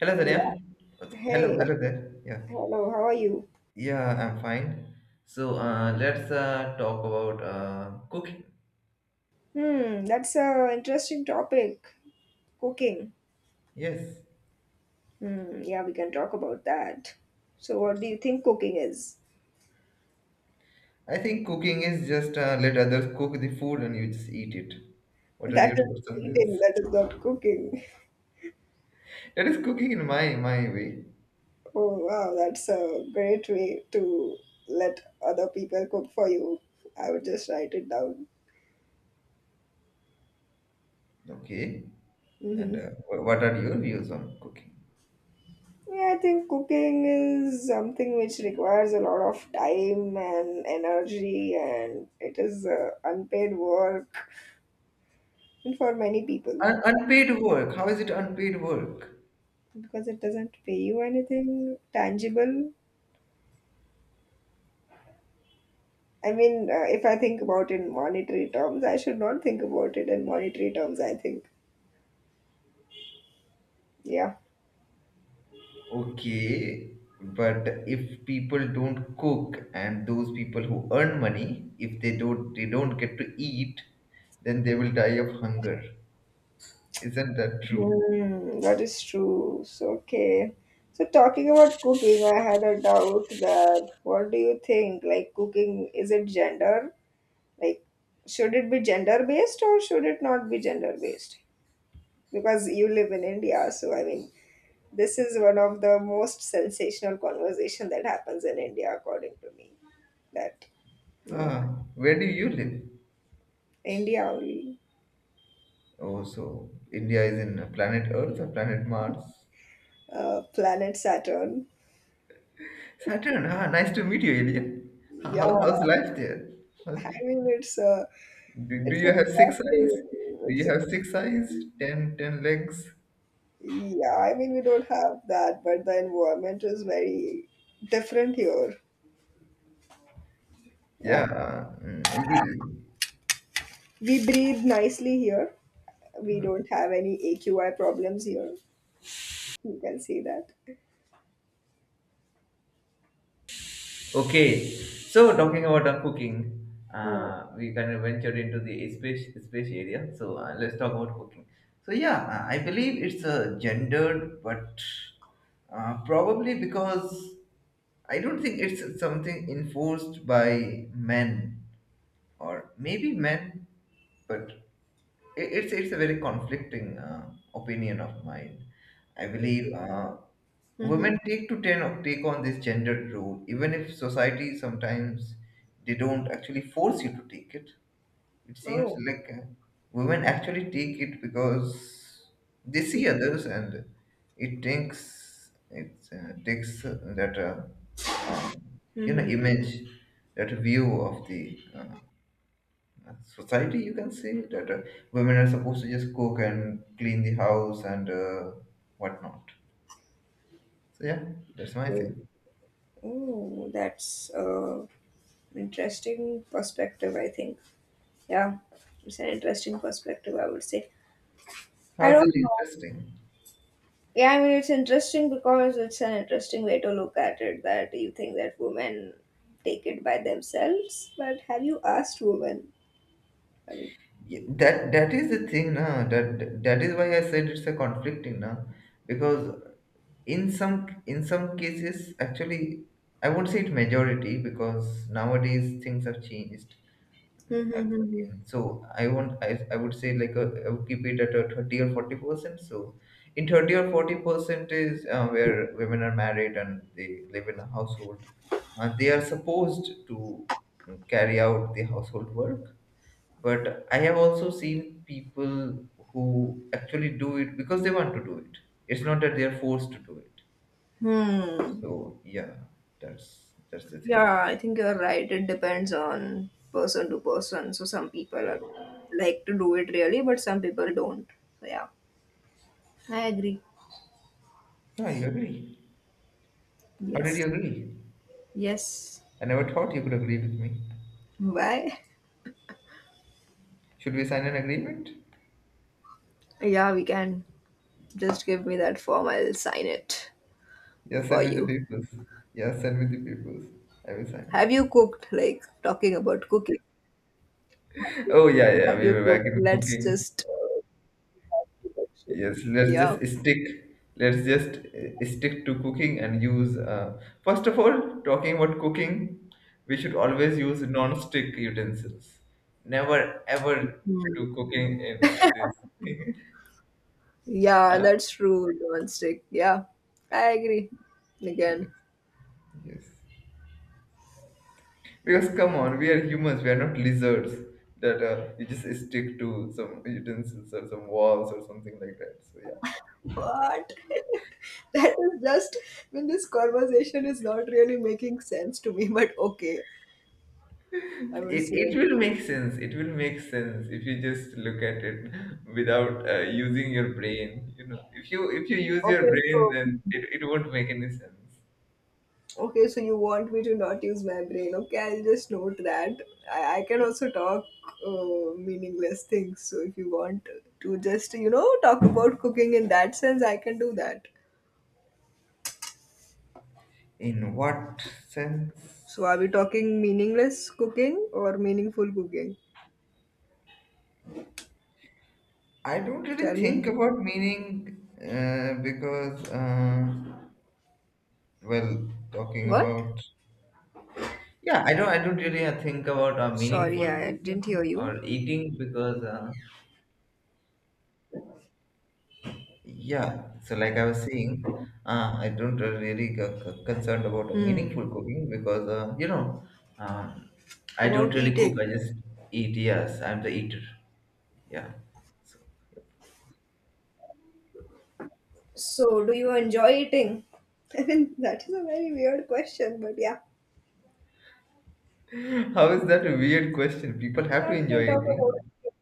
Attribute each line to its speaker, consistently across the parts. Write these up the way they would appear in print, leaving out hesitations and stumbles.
Speaker 1: Hello,
Speaker 2: Yeah.
Speaker 1: Tanya. Hello,
Speaker 2: Hey,
Speaker 1: hello there. Yeah,
Speaker 2: hello, how are you?
Speaker 1: yeah, I'm fine. So let's talk about cooking.
Speaker 2: Hmm, that's a interesting topic. Cooking.
Speaker 1: Yes,
Speaker 2: Hmm, yeah, we can talk about that. So, what do you think cooking is?
Speaker 1: I think cooking is just let others cook the food and you just eat it. What are your
Speaker 2: That
Speaker 1: thoughts
Speaker 2: is
Speaker 1: on
Speaker 2: eating,
Speaker 1: this?
Speaker 2: that is not cooking.
Speaker 1: That is cooking in my way.
Speaker 2: Oh, wow, that's a great way to let other people cook for you. I would just write it down.
Speaker 1: Okay, and
Speaker 2: Hmm.
Speaker 1: what are your views on cooking?
Speaker 2: Yeah, I think cooking is something which requires a lot of time and energy, and it is unpaid work for many people.
Speaker 1: Unpaid work. How is it unpaid work?
Speaker 2: Because it doesn't pay you anything tangible. I mean, if I think about it in monetary terms, I should not think about it in monetary terms, I think. Yeah.
Speaker 1: Okay, but if people don't cook and those people who earn money, if they don't get to eat, then they will die of hunger. Isn't that true?
Speaker 2: Hmm, that is true. So, okay. So, talking about cooking, I had a doubt that what do you think? Like, cooking, is it gender? Like, should it be gender based or should it not be gender based? Because you live in India, so I mean, this is one of the most sensational conversation that happens in India, according to me. That, you know,
Speaker 1: Ah, where do you live?
Speaker 2: India only,
Speaker 1: Oh, so India is in planet Earth or planet Mars?
Speaker 2: planet Saturn.
Speaker 1: Saturn. Ah, nice to meet you, Alien.
Speaker 2: Yeah,
Speaker 1: How's life there? How's-
Speaker 2: I mean it's
Speaker 1: do
Speaker 2: it's a
Speaker 1: you have six eyes? Do you
Speaker 2: it's a
Speaker 1: have six eyes? Ten legs?
Speaker 2: yeah. I mean we don't have that, but the environment is very different here.
Speaker 1: Yeah.
Speaker 2: Yeah, we breathe nicely here. We don't have any AQI problems here. You can see that.
Speaker 1: Okay, so talking about cooking, we kind of ventured into the space area. So let's talk about cooking. So yeah, I believe it's gendered, but probably because I don't think it's something enforced by men or maybe men, but it's a very conflicting opinion of mine. I believe
Speaker 2: Mm-hmm.
Speaker 1: women take to ten, take on this gendered role, even if society sometimes they don't actually force you to take it. It seems
Speaker 2: Oh.
Speaker 1: like women actually take it because they see others, and it takes that you know,
Speaker 2: Mm-hmm.
Speaker 1: image, that view of the society. You can say that women are supposed to just cook and clean the house and whatnot, so yeah, that's my thing.
Speaker 2: Oh, that's interesting perspective. I think. Yeah, it's an interesting perspective. I would say.
Speaker 1: How
Speaker 2: I
Speaker 1: is it
Speaker 2: don't know.
Speaker 1: interesting?
Speaker 2: Yeah, I mean, it's interesting because it's an interesting way to look at it. That you think that women take it by themselves, but have you asked women? I mean.
Speaker 1: Yeah, that is the thing na, that is why I said it's a conflicting na, because in some, in some cases, actually, I won't say it majority because nowadays things have changed.
Speaker 2: Hmm. Hmm. Hmm,
Speaker 1: Ac- so I I would say like I would keep it at a 30 or 40%. So in 30 or 40% is where women are married and they live in a household and they are supposed to carry out the household work, but I have also seen people who actually do it because they want to do it. It's not that they are forced to do it.
Speaker 2: hmm. Hmm.
Speaker 1: So yeah, that's the thing.
Speaker 2: Yeah, I think you're right. It depends on person to person. So some people are, like to do it really, but some people don't. So yeah, I agree.
Speaker 1: Yeah, you agree? How did
Speaker 2: Yes.
Speaker 1: you agree?
Speaker 2: Yes.
Speaker 1: I never thought you could agree with me.
Speaker 2: Why?
Speaker 1: Should we sign an agreement?
Speaker 2: Yeah, we can. Just give me that form. I'll sign it
Speaker 1: Yes,
Speaker 2: for
Speaker 1: send me the
Speaker 2: you.
Speaker 1: papers. Yes, send me the papers. I will sign
Speaker 2: Have
Speaker 1: it.
Speaker 2: you cooked? Like talking about cooking.
Speaker 1: Oh yeah, yeah.
Speaker 2: Have
Speaker 1: We
Speaker 2: you
Speaker 1: were back
Speaker 2: cooked?
Speaker 1: into
Speaker 2: Let's
Speaker 1: cooking.
Speaker 2: just. Uh,
Speaker 1: Yes, let's
Speaker 2: yeah.
Speaker 1: just stick. Let's just stick to cooking and use. First of all, talking about cooking, we should always use non-stick utensils. Never ever do cooking in this.
Speaker 2: Yeah,
Speaker 1: Huh?
Speaker 2: that's true. Non-stick. Yeah, I agree. Again.
Speaker 1: Yes. Yes. Because come on, we are humans. We are not lizards that you just stick to some utensils or some walls or something like that. So yeah,
Speaker 2: What? That is just. I mean, this conversation is not really making sense to me. But okay, I would
Speaker 1: it
Speaker 2: say.
Speaker 1: will make sense. It will make sense if you just look at it without using your brain. You know, if you use your
Speaker 2: Okay,
Speaker 1: brain,
Speaker 2: so
Speaker 1: then it won't make any sense.
Speaker 2: Okay, so you want me to not use my brain. Okay, I'll just note that. I can also talk meaningless things. So if you want to just, talk about cooking in that sense, I can do that.
Speaker 1: In what
Speaker 2: So
Speaker 1: sense?
Speaker 2: are we talking meaningless cooking or meaningful cooking?
Speaker 1: I don't
Speaker 2: Tell
Speaker 1: really think
Speaker 2: me.
Speaker 1: about meaning because, well, talking
Speaker 2: What?
Speaker 1: about, yeah, I don't really think about
Speaker 2: Sorry,
Speaker 1: meaningful
Speaker 2: I didn't hear
Speaker 1: cooking
Speaker 2: you.
Speaker 1: or eating because yeah, so like I was saying, I don't really concerned about meaningful cooking because um, I don't
Speaker 2: About
Speaker 1: really cook. I
Speaker 2: eating.
Speaker 1: just eat. Yes, I'm the eater. Yeah. So,
Speaker 2: So, do you enjoy eating? I mean, that is a very weird question, but yeah.
Speaker 1: how is that a weird question? People have to
Speaker 2: Yeah, we can
Speaker 1: enjoy
Speaker 2: talk about
Speaker 1: eating.
Speaker 2: it.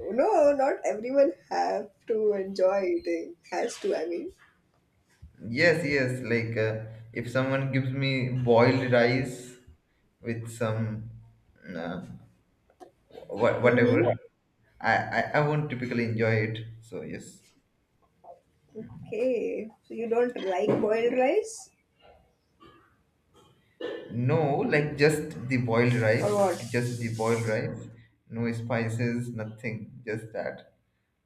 Speaker 2: No, not everyone have to enjoy eating. Has to, I mean.
Speaker 1: Yes, yes. Like if someone gives me boiled rice with some. Uh,
Speaker 2: Mm-hmm.
Speaker 1: whatever. I won't typically enjoy it. So yes.
Speaker 2: Okay, so you don't like boiled rice
Speaker 1: No, like just the boiled
Speaker 2: or
Speaker 1: rice.
Speaker 2: what?
Speaker 1: Just the boiled rice. No spices, nothing. Just that.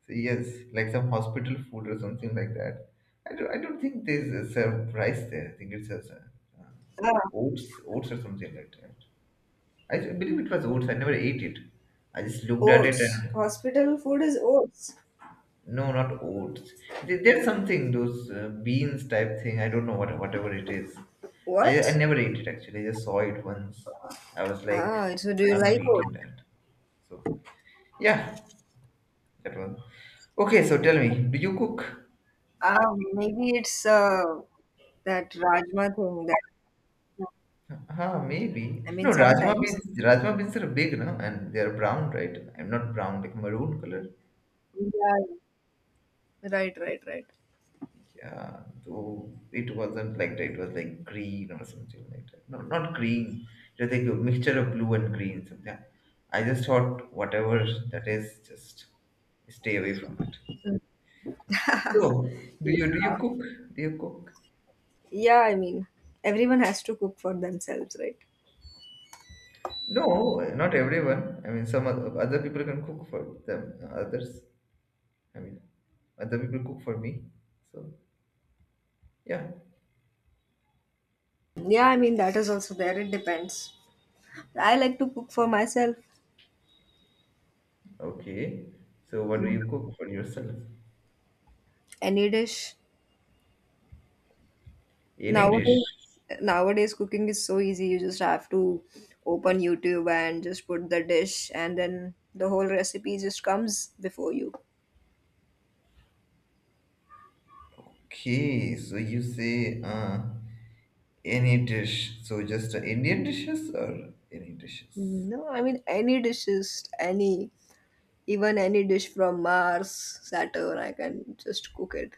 Speaker 1: So yes, like some hospital food or something like that. I don't think they serve rice there. I think it's just,
Speaker 2: Ah,
Speaker 1: oats or something like that. I believe it was oats. I never ate it. I just looked at it
Speaker 2: oats.
Speaker 1: and
Speaker 2: Hospital food is oats.
Speaker 1: no, not oats. There's something, those beans type thing. I don't know what, whatever it is. I
Speaker 2: What?
Speaker 1: never ate it actually. I just saw it once. I was like,
Speaker 2: Ah, so do you
Speaker 1: I'm not
Speaker 2: like
Speaker 1: eating
Speaker 2: oats?
Speaker 1: that. So yeah, that one. Okay, so tell me, do you cook?
Speaker 2: Ah, maybe it's that Rajma thing that
Speaker 1: Huh, maybe.
Speaker 2: I mean
Speaker 1: No, rajma
Speaker 2: sometimes.
Speaker 1: beans. Rajma beans are big, no, and they are brown, right? I'm not brown, like maroon color.
Speaker 2: Yeah. Right, right, right.
Speaker 1: Yeah, so it wasn't like that. It was like green or something like that. No, not green. It was like a mixture of blue and green. Something. I just thought whatever that is, just stay away from it. So, do you do
Speaker 2: Yeah.
Speaker 1: you cook? Do you cook?
Speaker 2: Yeah, I mean everyone has to cook for themselves, right?
Speaker 1: No, not everyone. I mean, some other people can cook for them. Others, I mean, other people cook for me. So yeah,
Speaker 2: Yeah, I mean that is also there. It depends. I like to cook for myself
Speaker 1: okay. So what do you cook for yourself?
Speaker 2: any dish.
Speaker 1: Any dish?
Speaker 2: Nowadays, cooking is so easy. You just have to open YouTube and just put the dish, and then the whole recipe just comes before you.
Speaker 1: Okay, so you say any dish. So just Indian dishes or any dishes?
Speaker 2: No, I mean any dishes, any even any dish from Mars, Saturn, I can just cook it.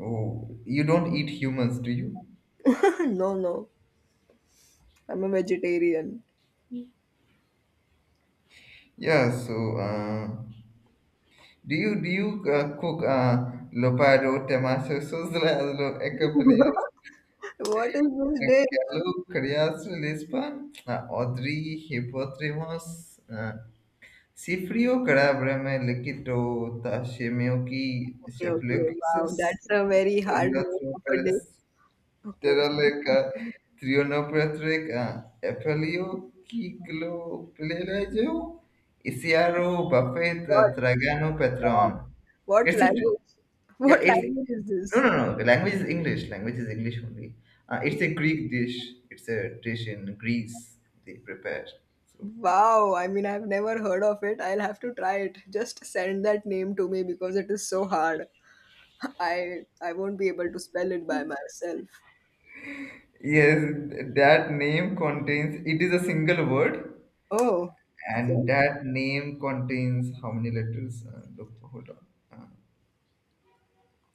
Speaker 1: Oh, you don't eat humans, do you?
Speaker 2: No, no, I'm a vegetarian.
Speaker 1: Yeah. So do you cook lopado, temacho, sozlazlo, ecapelias,
Speaker 2: What is this dish?
Speaker 1: galo, carias, lispan, odri, hipotrimos, sifrio, carabrame, liquito, tashemioki,
Speaker 2: Okay, okay,
Speaker 1: shapliokisus,
Speaker 2: wow, that's a very hard
Speaker 1: Elio
Speaker 2: name of a
Speaker 1: Pérez.
Speaker 2: dish. Okay,
Speaker 1: Teraleca, Trionopatrica, Apelio, Kiglo, Pelagio, Isiaro, Buffet,
Speaker 2: what?
Speaker 1: Tragano, Patron.
Speaker 2: Stop. What
Speaker 1: It's a,
Speaker 2: language?
Speaker 1: yeah,
Speaker 2: What
Speaker 1: it's,
Speaker 2: language is
Speaker 1: no,
Speaker 2: this?
Speaker 1: no, no, language is English only. It's
Speaker 2: Okay.
Speaker 1: a Greek dish, it's a dish in Greece they prepare. So,
Speaker 2: Wow, I mean, I've never heard of it. I'll have to try it. Just send that name to me because it is so hard. I won't be able to spell it by myself.
Speaker 1: yes, that name contains, it is a single word,
Speaker 2: Oh,
Speaker 1: and
Speaker 2: okay.
Speaker 1: that name contains how many letters? Look, hold on.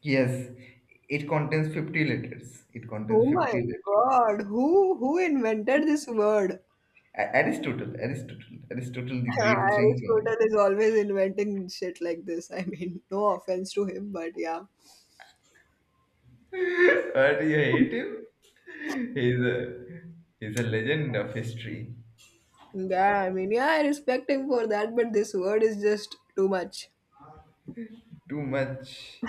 Speaker 1: Yes, it contains 50 letters. It contains
Speaker 2: Oh my
Speaker 1: 50 letters.
Speaker 2: God, who invented this word?
Speaker 1: Aristotle, Aristotle, Aristotle, the great thinker.
Speaker 2: Aristotle is always inventing shit like this. I mean, no offense to him, but yeah.
Speaker 1: But you hate him? He's a, he's a legend of history.
Speaker 2: Yeah, I mean, yeah, I respect him for that, but this word is just too much.
Speaker 1: Too much.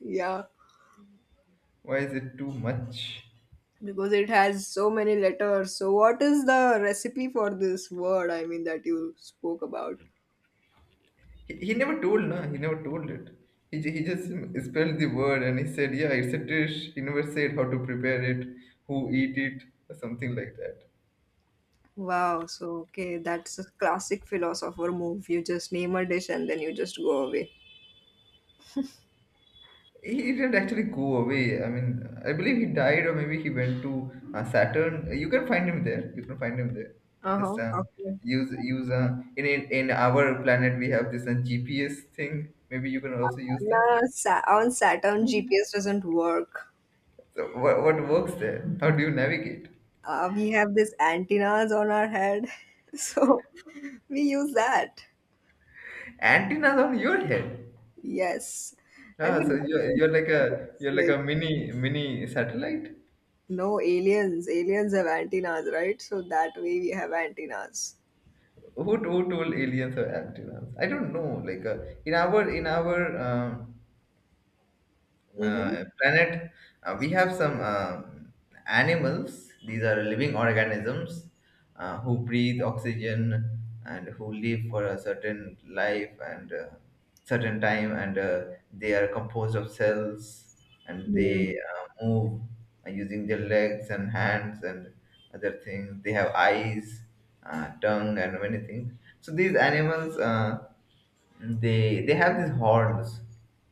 Speaker 2: Yeah,
Speaker 1: Why is it too much?
Speaker 2: because it has so many letters. So, what is the recipe for this word? I mean, that you spoke about.
Speaker 1: He never told, no, he never told it. He just spelled the word and he said, yeah, it's a dish. He never said how to prepare it, who eat it, or something like that.
Speaker 2: Wow. So, okay, that's a classic philosopher move. You just name a dish and then you just go away.
Speaker 1: He didn't actually go away. I mean, I believe he died, or maybe he went to Saturn. You can find him there. You can find him there.
Speaker 2: Uh
Speaker 1: Just
Speaker 2: huh. Okay.
Speaker 1: use in our planet we have this GPS thing. Maybe you can also use that.
Speaker 2: No, on Saturn, GPS doesn't work.
Speaker 1: So what works there? How do you navigate?
Speaker 2: We have these antennas on our head, so we use that.
Speaker 1: Antennas on your head.
Speaker 2: Yes. Have
Speaker 1: Ah, so
Speaker 2: you.
Speaker 1: you're like a, you're like a mini satellite.
Speaker 2: No, aliens. Aliens have antennas, right? So that way we have antennas.
Speaker 1: Who told aliens are antennas? I don't know. Like in our, in our um
Speaker 2: Mm-hmm.
Speaker 1: uh, planet, we have some animals. These are living organisms who breathe oxygen and who live for a certain life and certain time, and they are composed of cells and
Speaker 2: Yeah.
Speaker 1: they move using their legs and hands and other things. They have eyes, tongue, and many things. So these animals. They they have these horns,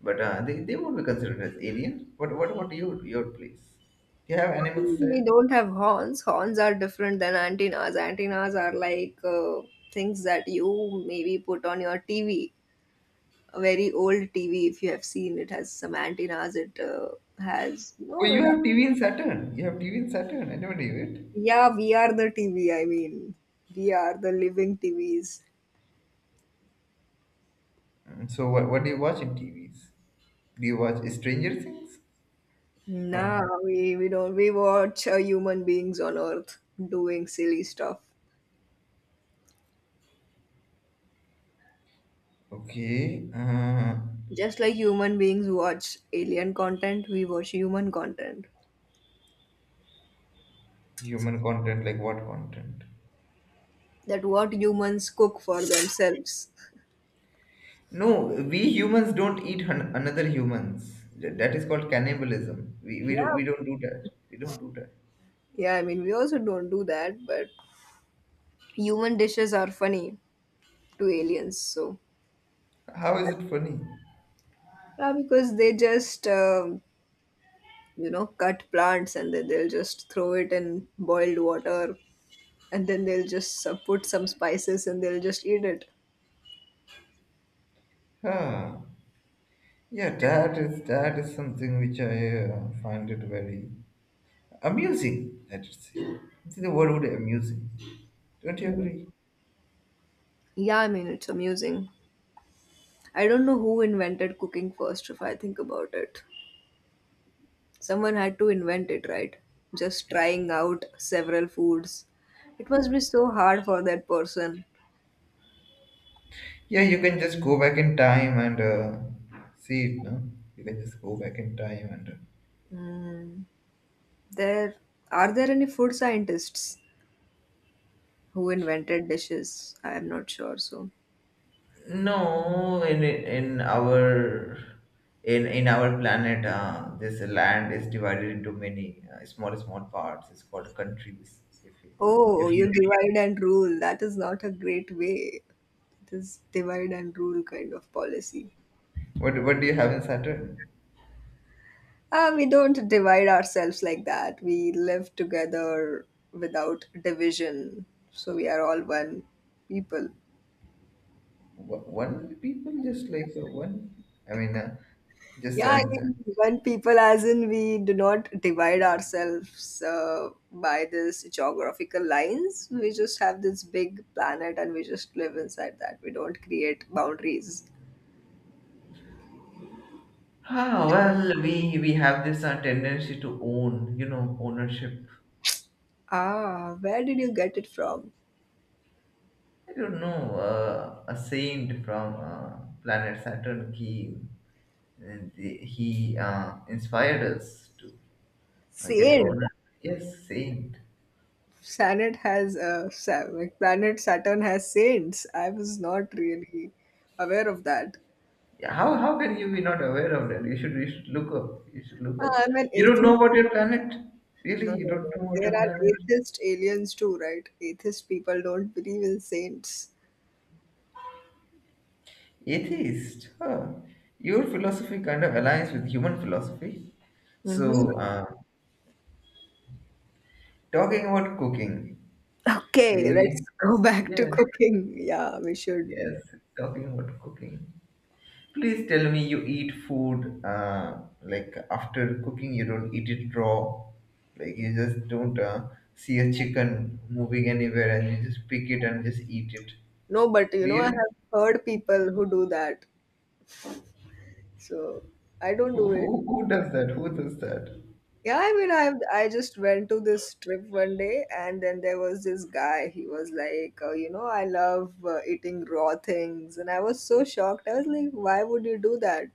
Speaker 1: but they won't be considered as alien. What about your place? Do you have animals
Speaker 2: We
Speaker 1: there?
Speaker 2: don't have horns. Horns are different than antennas. Antennas are like things that you maybe put on your TV. Very old TV, if you have seen, it has some antennas. It has
Speaker 1: Oh,
Speaker 2: no.
Speaker 1: you
Speaker 2: It,
Speaker 1: have TV in Saturn. You have TV in Saturn. I never knew it.
Speaker 2: yeah, we are the TV. I mean, we are the living TVs.
Speaker 1: So what do you watch in TVs? Do you watch Stranger Things?
Speaker 2: Nah,
Speaker 1: Or
Speaker 2: we don't. We watch human beings on Earth doing silly stuff.
Speaker 1: okay,
Speaker 2: Just like human beings watch alien content, we watch human content.
Speaker 1: human content like what content?
Speaker 2: That what humans cook for themselves.
Speaker 1: No, we humans don't eat another humans. That is called cannibalism. We
Speaker 2: Yeah.
Speaker 1: don't do that. We don't do that.
Speaker 2: Yeah, I mean, we also don't do that, but human dishes are funny to aliens, so.
Speaker 1: How is it funny?
Speaker 2: Yeah, because they just, cut plants and then they'll just throw it in boiled water and then they'll just put some spices and they'll just eat it.
Speaker 1: Huh. Yeah, that is something which I find it very amusing, I should say. See, the word would be amusing. Don't you
Speaker 2: Mm.
Speaker 1: agree?
Speaker 2: Yeah, I mean, it's amusing. I don't know who invented cooking first if I think about it. Someone had to invent it, right? Just trying out several foods. It must be so hard for that person.
Speaker 1: Yeah, you can just go back in time and see it. No, you can just go back in time and.
Speaker 2: Mm, there are there any food scientists who invented dishes? I am not sure. So,
Speaker 1: No, in our, in our planet, this land is divided into many small parts. It's called countries.
Speaker 2: oh,
Speaker 1: If
Speaker 2: you
Speaker 1: you
Speaker 2: divide and rule. That is not a great way. It is divide and rule kind of policy.
Speaker 1: What do you have in Saturn?
Speaker 2: Ah, we don't divide ourselves like that. We live together without division. So we are all one people.
Speaker 1: One people just like one. I mean, just
Speaker 2: Yeah, I mean, when people, as in, we do not divide ourselves by these geographical lines. We just have this big planet and we just live inside that. We don't create boundaries.
Speaker 1: Ah well, we have this tendency to own, you know, ownership.
Speaker 2: Ah, where did you get it from?
Speaker 1: I don't know, a saint from planet Saturn. He inspired us to get
Speaker 2: Saint.
Speaker 1: owner. Yes, saint.
Speaker 2: Planet has like planet Saturn has saints. I was not really aware of that.
Speaker 1: Yeah, how can you be not aware of that? You should look up. You should look up.
Speaker 2: Ah, I'm an
Speaker 1: You don't know
Speaker 2: atheist.
Speaker 1: about your planet, really?
Speaker 2: No,
Speaker 1: You
Speaker 2: no,
Speaker 1: don't
Speaker 2: no.
Speaker 1: know about
Speaker 2: There
Speaker 1: your
Speaker 2: are
Speaker 1: planet?
Speaker 2: atheist aliens too, right? Atheist people don't believe in saints.
Speaker 1: Atheist. Huh. Your philosophy kind of aligns with human philosophy.
Speaker 2: Mm-hmm.
Speaker 1: So, talking about cooking,
Speaker 2: Okay, let's
Speaker 1: we
Speaker 2: go back to
Speaker 1: yes,
Speaker 2: cooking. Yeah, we should.
Speaker 1: yes, talking about cooking. Please tell me you eat food like after cooking, you don't eat it raw. Like you just don't see a chicken moving anywhere and you just pick it and just eat it.
Speaker 2: No, but you
Speaker 1: Do
Speaker 2: know, I
Speaker 1: you?
Speaker 2: have heard people who do that. So I don't do it.
Speaker 1: Who does that? Who does that?
Speaker 2: Yeah, I mean, I just went to this trip one day, and then there was this guy. He was like, oh, you know, I love eating raw things, and I was so shocked. I was like, why would you do that?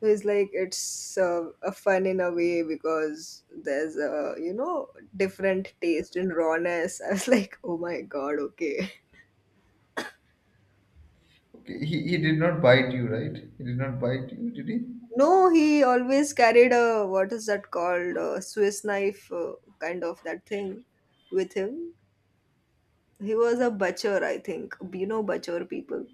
Speaker 2: So he's like, it's a fun in a way because there's a you know different taste in rawness. I was like, oh my God, okay.
Speaker 1: Okay, he did not bite you, right? He did not bite you, did he?
Speaker 2: No, he always carried a what is that called a Swiss knife kind of that thing with him. He was a butcher, I think. You know, butcher people,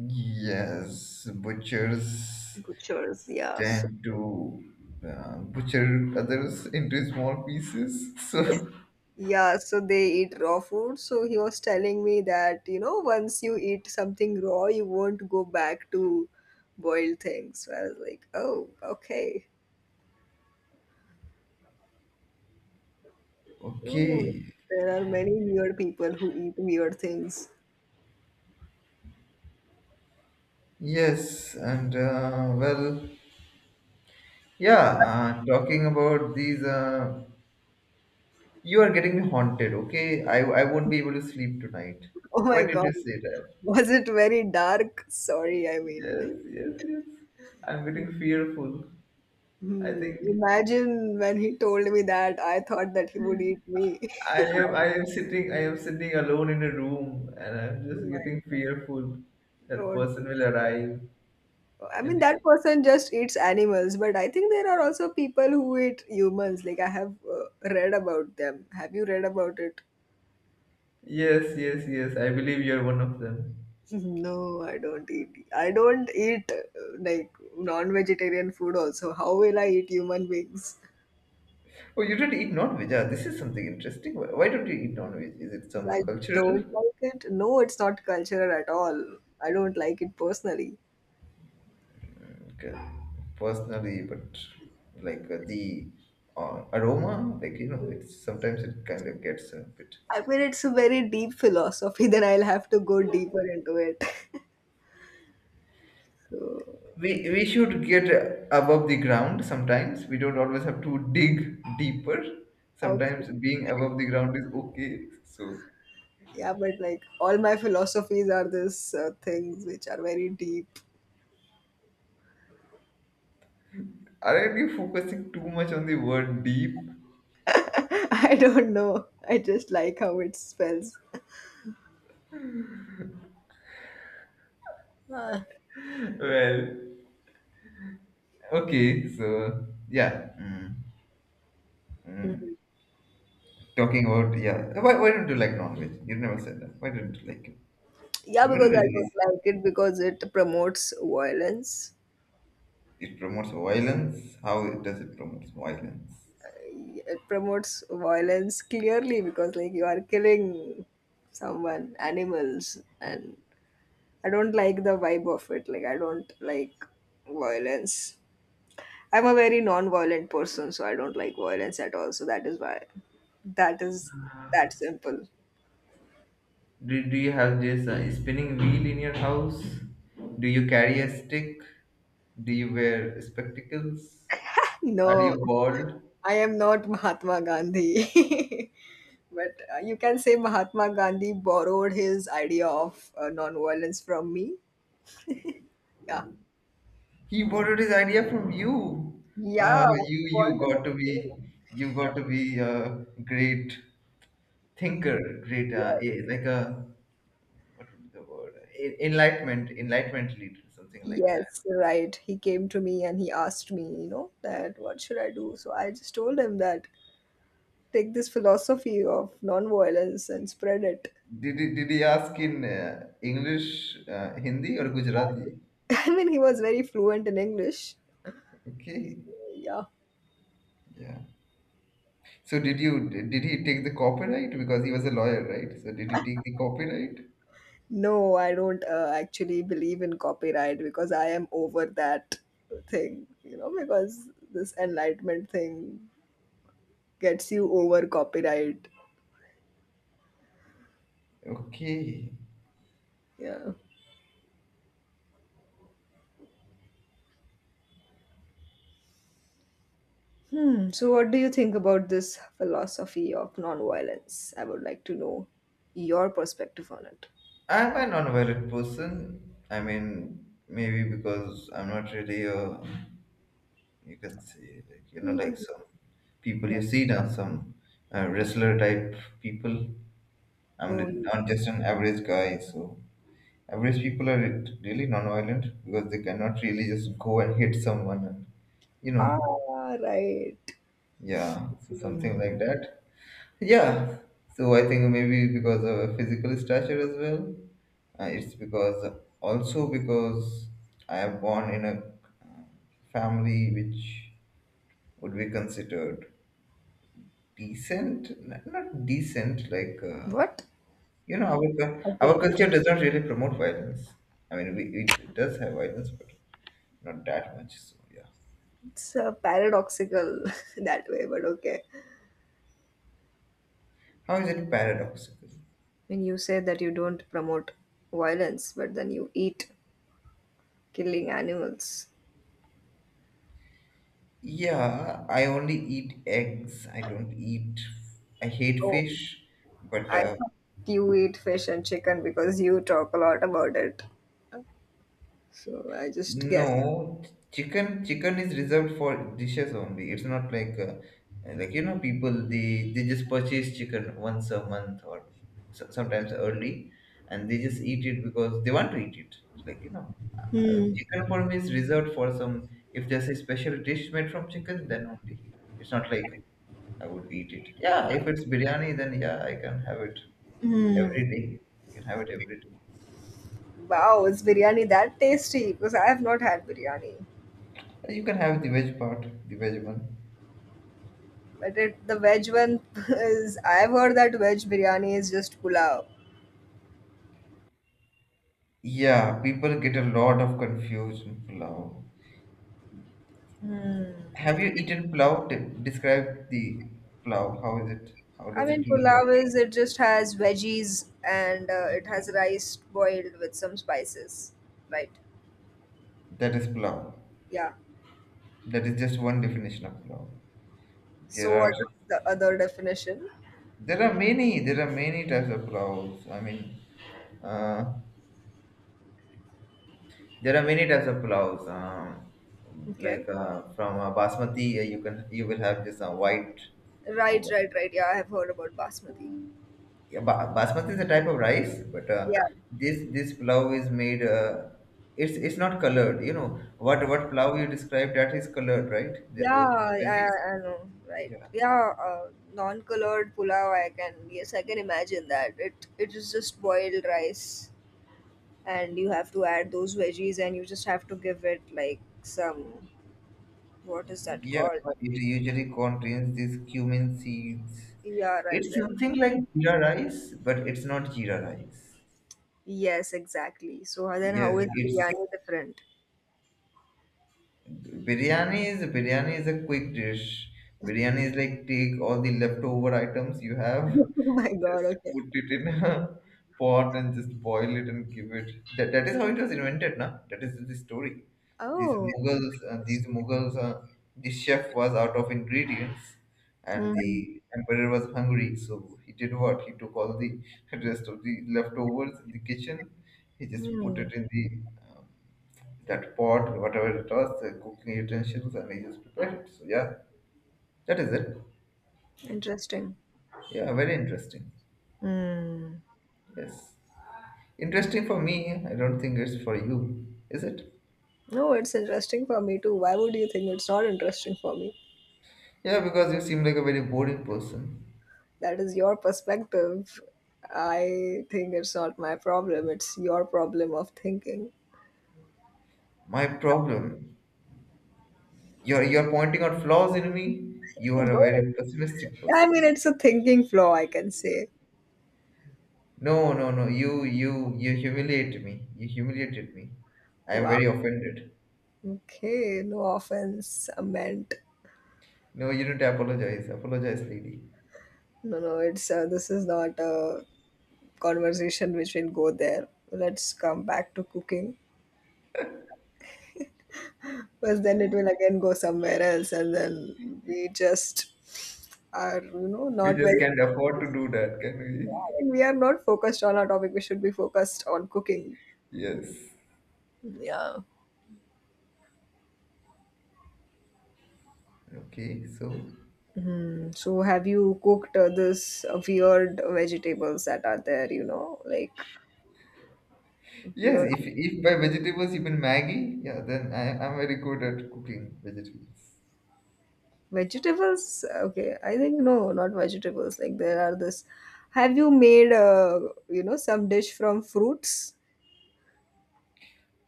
Speaker 1: Yes, butchers
Speaker 2: butchers. Yeah, so
Speaker 1: tend to butcher others into small pieces. So,
Speaker 2: yeah, so they eat raw food. So he was telling me that you know, once you eat something raw, you won't go back to boiled things. So I was like, oh, okay. Hmm,
Speaker 1: okay.
Speaker 2: there are many weird people who eat weird things.
Speaker 1: Yes, and well, yeah, talking about these, you are getting me haunted, okay? I won't be able to sleep tonight.
Speaker 2: Oh
Speaker 1: Why
Speaker 2: my
Speaker 1: did you
Speaker 2: God.
Speaker 1: say that?
Speaker 2: Was it very dark? Sorry, I mean,
Speaker 1: Yes, yes, yes. I'm getting fearful. I think
Speaker 2: imagine when he told me that, I thought that he would eat me.
Speaker 1: I am sitting I am sitting alone in a room, and I'm
Speaker 2: Oh
Speaker 1: just
Speaker 2: my-.
Speaker 1: getting fearful that
Speaker 2: Don't.
Speaker 1: person will arrive,
Speaker 2: I mean,
Speaker 1: and
Speaker 2: that person just eats animals, but I think there are also people who eat humans. Like, I have read about them. Have you read about it?
Speaker 1: yes, yes, yes, I believe you're one of them.
Speaker 2: Mm-hmm. No, I don't eat. I don't eat like non-vegetarian food also. How will I eat human beings?
Speaker 1: Oh, you don't eat non-veg. Ah, this is something interesting. Why don't you eat non-veg? Is it some
Speaker 2: I
Speaker 1: cultural?
Speaker 2: don't like it. No, it's not cultural at all. I don't like it personally.
Speaker 1: Okay. Personally, but like the aroma, like you know, it's sometimes it kind of gets a bit.
Speaker 2: I mean, it's a very deep philosophy, then I'll have to go deeper into it. So,
Speaker 1: We should get above the ground sometimes. We don't always have to dig deeper.
Speaker 2: okay.
Speaker 1: Sometimes being above the ground is okay. So,
Speaker 2: Yeah, but like all my philosophies are this things which are very deep.
Speaker 1: aren't you focusing too much on the word deep?
Speaker 2: I don't know. I just like how it spells. Ah.
Speaker 1: Well, okay, so yeah. Mm, mm.
Speaker 2: Mm.
Speaker 1: Talking about, yeah. Why don't you like non veg? You never said that. Why don't you like it?
Speaker 2: Yeah,
Speaker 1: The
Speaker 2: because
Speaker 1: middle is
Speaker 2: I don't like it because it promotes violence.
Speaker 1: it promotes violence. Does it promote violence?
Speaker 2: It promotes violence clearly because like you are killing someone, animals, and I don't like the vibe of it. Like I don't like violence. I'm a very non-violent person, so I don't like violence at all. So that is why that is that simple.
Speaker 1: Do you have this spinning wheel in your house? Do you carry a stick? Do you wear spectacles? Are you
Speaker 2: No,
Speaker 1: bald?
Speaker 2: I am not Mahatma Gandhi. But you can say Mahatma Gandhi borrowed his idea of non-violence from me. Yeah.
Speaker 1: He borrowed his idea from you.
Speaker 2: Yeah.
Speaker 1: You
Speaker 2: What
Speaker 1: you
Speaker 2: do
Speaker 1: got to be
Speaker 2: you
Speaker 1: you got to be a great
Speaker 2: think?
Speaker 1: thinker, great
Speaker 2: Yes.
Speaker 1: like a what would be the word? Enlightenment, enlightenment leader, something like that.
Speaker 2: Yes, right. He came to me and he asked me, you know, that what should I do? So I just told him that take this philosophy of nonviolence and spread it.
Speaker 1: Did he ask in English, Hindi, or Gujarati?
Speaker 2: I mean, he was very fluent in English.
Speaker 1: Okay,
Speaker 2: Yeah.
Speaker 1: yeah. So did he take the copyright because he was a lawyer, right? So did he take the copyright?
Speaker 2: No, I don't actually believe in copyright because I am over that thing, you know, because this enlightenment thing gets you over copyright.
Speaker 1: Okay.
Speaker 2: Yeah. Hmm. So, what do you think about this philosophy of nonviolence? I would like to know your perspective on it.
Speaker 1: I'm a non-violent person. I mean, maybe because I'm not really a, you can say, like, you know,
Speaker 2: Hmm.
Speaker 1: like some people you see now, some wrestler type people.
Speaker 2: Oh,
Speaker 1: I'm
Speaker 2: you-.
Speaker 1: not just an average guy, so average people are really non-violent because they cannot really just go and hit someone and, you know,
Speaker 2: Ah, right.
Speaker 1: yeah, so something
Speaker 2: Hmm.
Speaker 1: like that. Yeah, so I think maybe because of a physical stature as well. It's because also because I am born in a family which would be considered decent, not decent. Like
Speaker 2: What?
Speaker 1: you know, our
Speaker 2: Okay.
Speaker 1: culture does not really promote violence. I mean, we, it does have violence, but not that much. So yeah,
Speaker 2: It's paradoxical that way, but okay.
Speaker 1: how is it paradoxical?
Speaker 2: When you say that you don't promote violence, but then you eat killing animals.
Speaker 1: Yeah, I only eat eggs. I don't eat. I hate
Speaker 2: Oh,
Speaker 1: fish, but
Speaker 2: I thought you eat fish and chicken because you talk a lot about it. So I just guess.
Speaker 1: no, chicken is reserved for dishes only. It's not like like you know, people they just purchase chicken once a month or so, sometimes early, and they just eat it because they want to eat it. Like you know, chicken for me is reserved for some. If there's a special dish made from chicken, then only. It's not like I would eat it. Yeah, if it's biryani, then yeah, I can have it every day. I can have it every day.
Speaker 2: Wow, is biryani that tasty? Because I have not had biryani.
Speaker 1: You can have the veg part, the veg one.
Speaker 2: But it, the veg one is, I've heard that veg biryani is just pulao.
Speaker 1: Yeah, people get a lot of confusion. Plow. Have you eaten plow? Describe the plow. How is it? How
Speaker 2: I
Speaker 1: does it
Speaker 2: mean,
Speaker 1: look
Speaker 2: pulao
Speaker 1: like?
Speaker 2: is it just has veggies and it has rice boiled with some spices, right?
Speaker 1: That is plow.
Speaker 2: Yeah.
Speaker 1: That is just one definition of plow.
Speaker 2: So
Speaker 1: There
Speaker 2: what
Speaker 1: are
Speaker 2: is the other definition?
Speaker 1: many there are many types of plows. I mean, uh, there are many types of plows.
Speaker 2: Okay.
Speaker 1: Like from basmati, you can you will have just a white, uh,
Speaker 2: Right, right, right. Yeah, I have heard about basmati.
Speaker 1: yeah, basmati is a type of rice, but
Speaker 2: Yeah,
Speaker 1: this pulao is made. It's not colored. You know what pulao you described that is colored, right? The,
Speaker 2: yeah,
Speaker 1: those with
Speaker 2: I,
Speaker 1: veggies.
Speaker 2: I know. Right.
Speaker 1: Yeah,
Speaker 2: Yeah, non-colored pulao. I can yes, I can imagine that. It is just boiled rice, and you have to add those veggies, and you just have to give it like some what is that
Speaker 1: yeah,
Speaker 2: called?
Speaker 1: but it usually contains these cumin seeds.
Speaker 2: Yeah, right,
Speaker 1: It's
Speaker 2: right.
Speaker 1: something like jeera rice, but it's not jeera rice.
Speaker 2: Yes, exactly. So then how
Speaker 1: Yes,
Speaker 2: is
Speaker 1: it's
Speaker 2: biryani different?
Speaker 1: biryani is a quick dish. Biryani is like take all the leftover items you have,
Speaker 2: Oh my God,
Speaker 1: just
Speaker 2: okay.
Speaker 1: put it in a pot and just boil it and give it that, that is how it was invented na, that is the story. These
Speaker 2: Oh,
Speaker 1: mughals, the chef was out of ingredients and the
Speaker 2: mm,
Speaker 1: emperor was hungry, so he did what, he took all the rest of the leftovers in the kitchen, he just put it
Speaker 2: mm,
Speaker 1: in the um, that pot, whatever it was, the cooking utensils, and he just prepared it. So yeah, that is it.
Speaker 2: interesting.
Speaker 1: Yeah, very interesting.
Speaker 2: Mm.
Speaker 1: Yes, interesting for me. I don't think it's for you, is it?
Speaker 2: No, it's interesting for me too. Why would you think it's not interesting for me?
Speaker 1: Yeah, because you seem like a very boring person.
Speaker 2: That is your perspective. I think it's not my problem. It's your problem of thinking.
Speaker 1: My problem, you're pointing out flaws in me. You are a
Speaker 2: No,
Speaker 1: very pessimistic
Speaker 2: I mean,
Speaker 1: person.
Speaker 2: it's a thinking flaw, I can say.
Speaker 1: No, no, no. You humiliate me. You humiliated me. I am
Speaker 2: Wow.
Speaker 1: very offended.
Speaker 2: Okay, no offense meant.
Speaker 1: No, you don't apologize. Apologize, lady.
Speaker 2: No, no, it's this is not a conversation which will go there. Let's come back to cooking. Because then it will again go somewhere else, and then we just are, you know,
Speaker 1: We
Speaker 2: not very.
Speaker 1: just can't afford to do that, can we?
Speaker 2: We are not focused on our topic. We should be focused on cooking.
Speaker 1: Yes.
Speaker 2: Yeah.
Speaker 1: Okay. So
Speaker 2: Hmm. So, have you cooked this weird vegetables that are there? You know, like
Speaker 1: yes,
Speaker 2: weird
Speaker 1: if by vegetables you mean Maggie, yeah, then I'm very good at cooking vegetables.
Speaker 2: vegetables. Okay, I think no, not vegetables. Like there are this. Have you made some dish from fruits?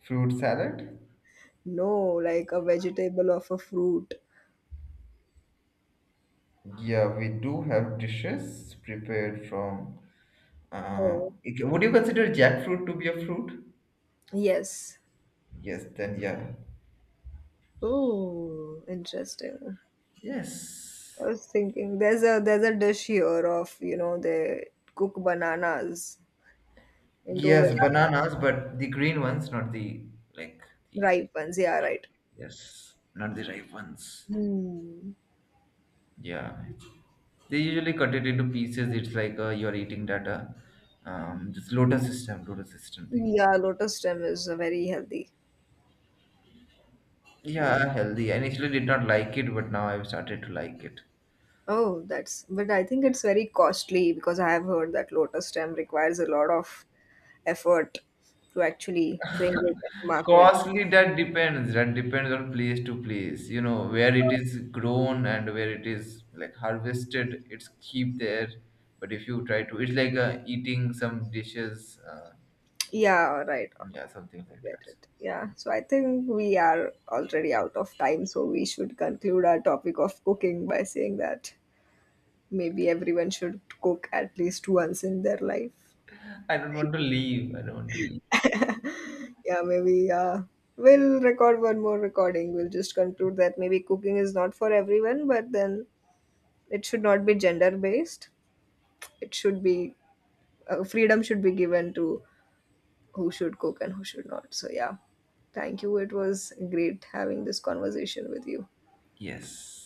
Speaker 1: Fruit salad.
Speaker 2: No, like a vegetable or a fruit.
Speaker 1: Yeah, we do have dishes prepared from.
Speaker 2: Oh.
Speaker 1: Would you consider jackfruit to be a fruit?
Speaker 2: Yes.
Speaker 1: Yes. Then yeah.
Speaker 2: Oh, interesting.
Speaker 1: Yes.
Speaker 2: I was thinking there's a dish here of, you know, they cook bananas into
Speaker 1: Yes,
Speaker 2: ve-.
Speaker 1: bananas, but the green ones, not the like the
Speaker 2: Ripe ones. Yeah, right.
Speaker 1: yes, not the ripe ones.
Speaker 2: Hmm.
Speaker 1: Yeah, they usually cut it into pieces. It's like you're eating that this lotus system thing.
Speaker 2: Yeah, lotus stem is very healthy. Mm.
Speaker 1: Yeah, healthy. I initially did not like it, but now I've started to like it.
Speaker 2: Oh, that's but I think it's very costly because I have heard that lotus stem requires a lot of effort to actually bring it to market.
Speaker 1: Costly, that depends. That depends on place to place. You know, where it is grown and where it is like harvested, it's cheap there. But if you try to, it's like eating some dishes.
Speaker 2: Yeah, right.
Speaker 1: Yeah, something like
Speaker 2: Get
Speaker 1: that.
Speaker 2: it. Yeah. So I think we are already out of time, so we should conclude our topic of cooking by saying that maybe everyone should cook at least once in their life.
Speaker 1: I don't want to leave. I don't want to leave.
Speaker 2: Yeah, maybe we'll record one more recording. We'll just conclude that maybe cooking is not for everyone, but then it should not be gender based. It should be freedom should be given to who should cook and who should not. So yeah, thank you. It was great having this conversation with you.
Speaker 1: Yes.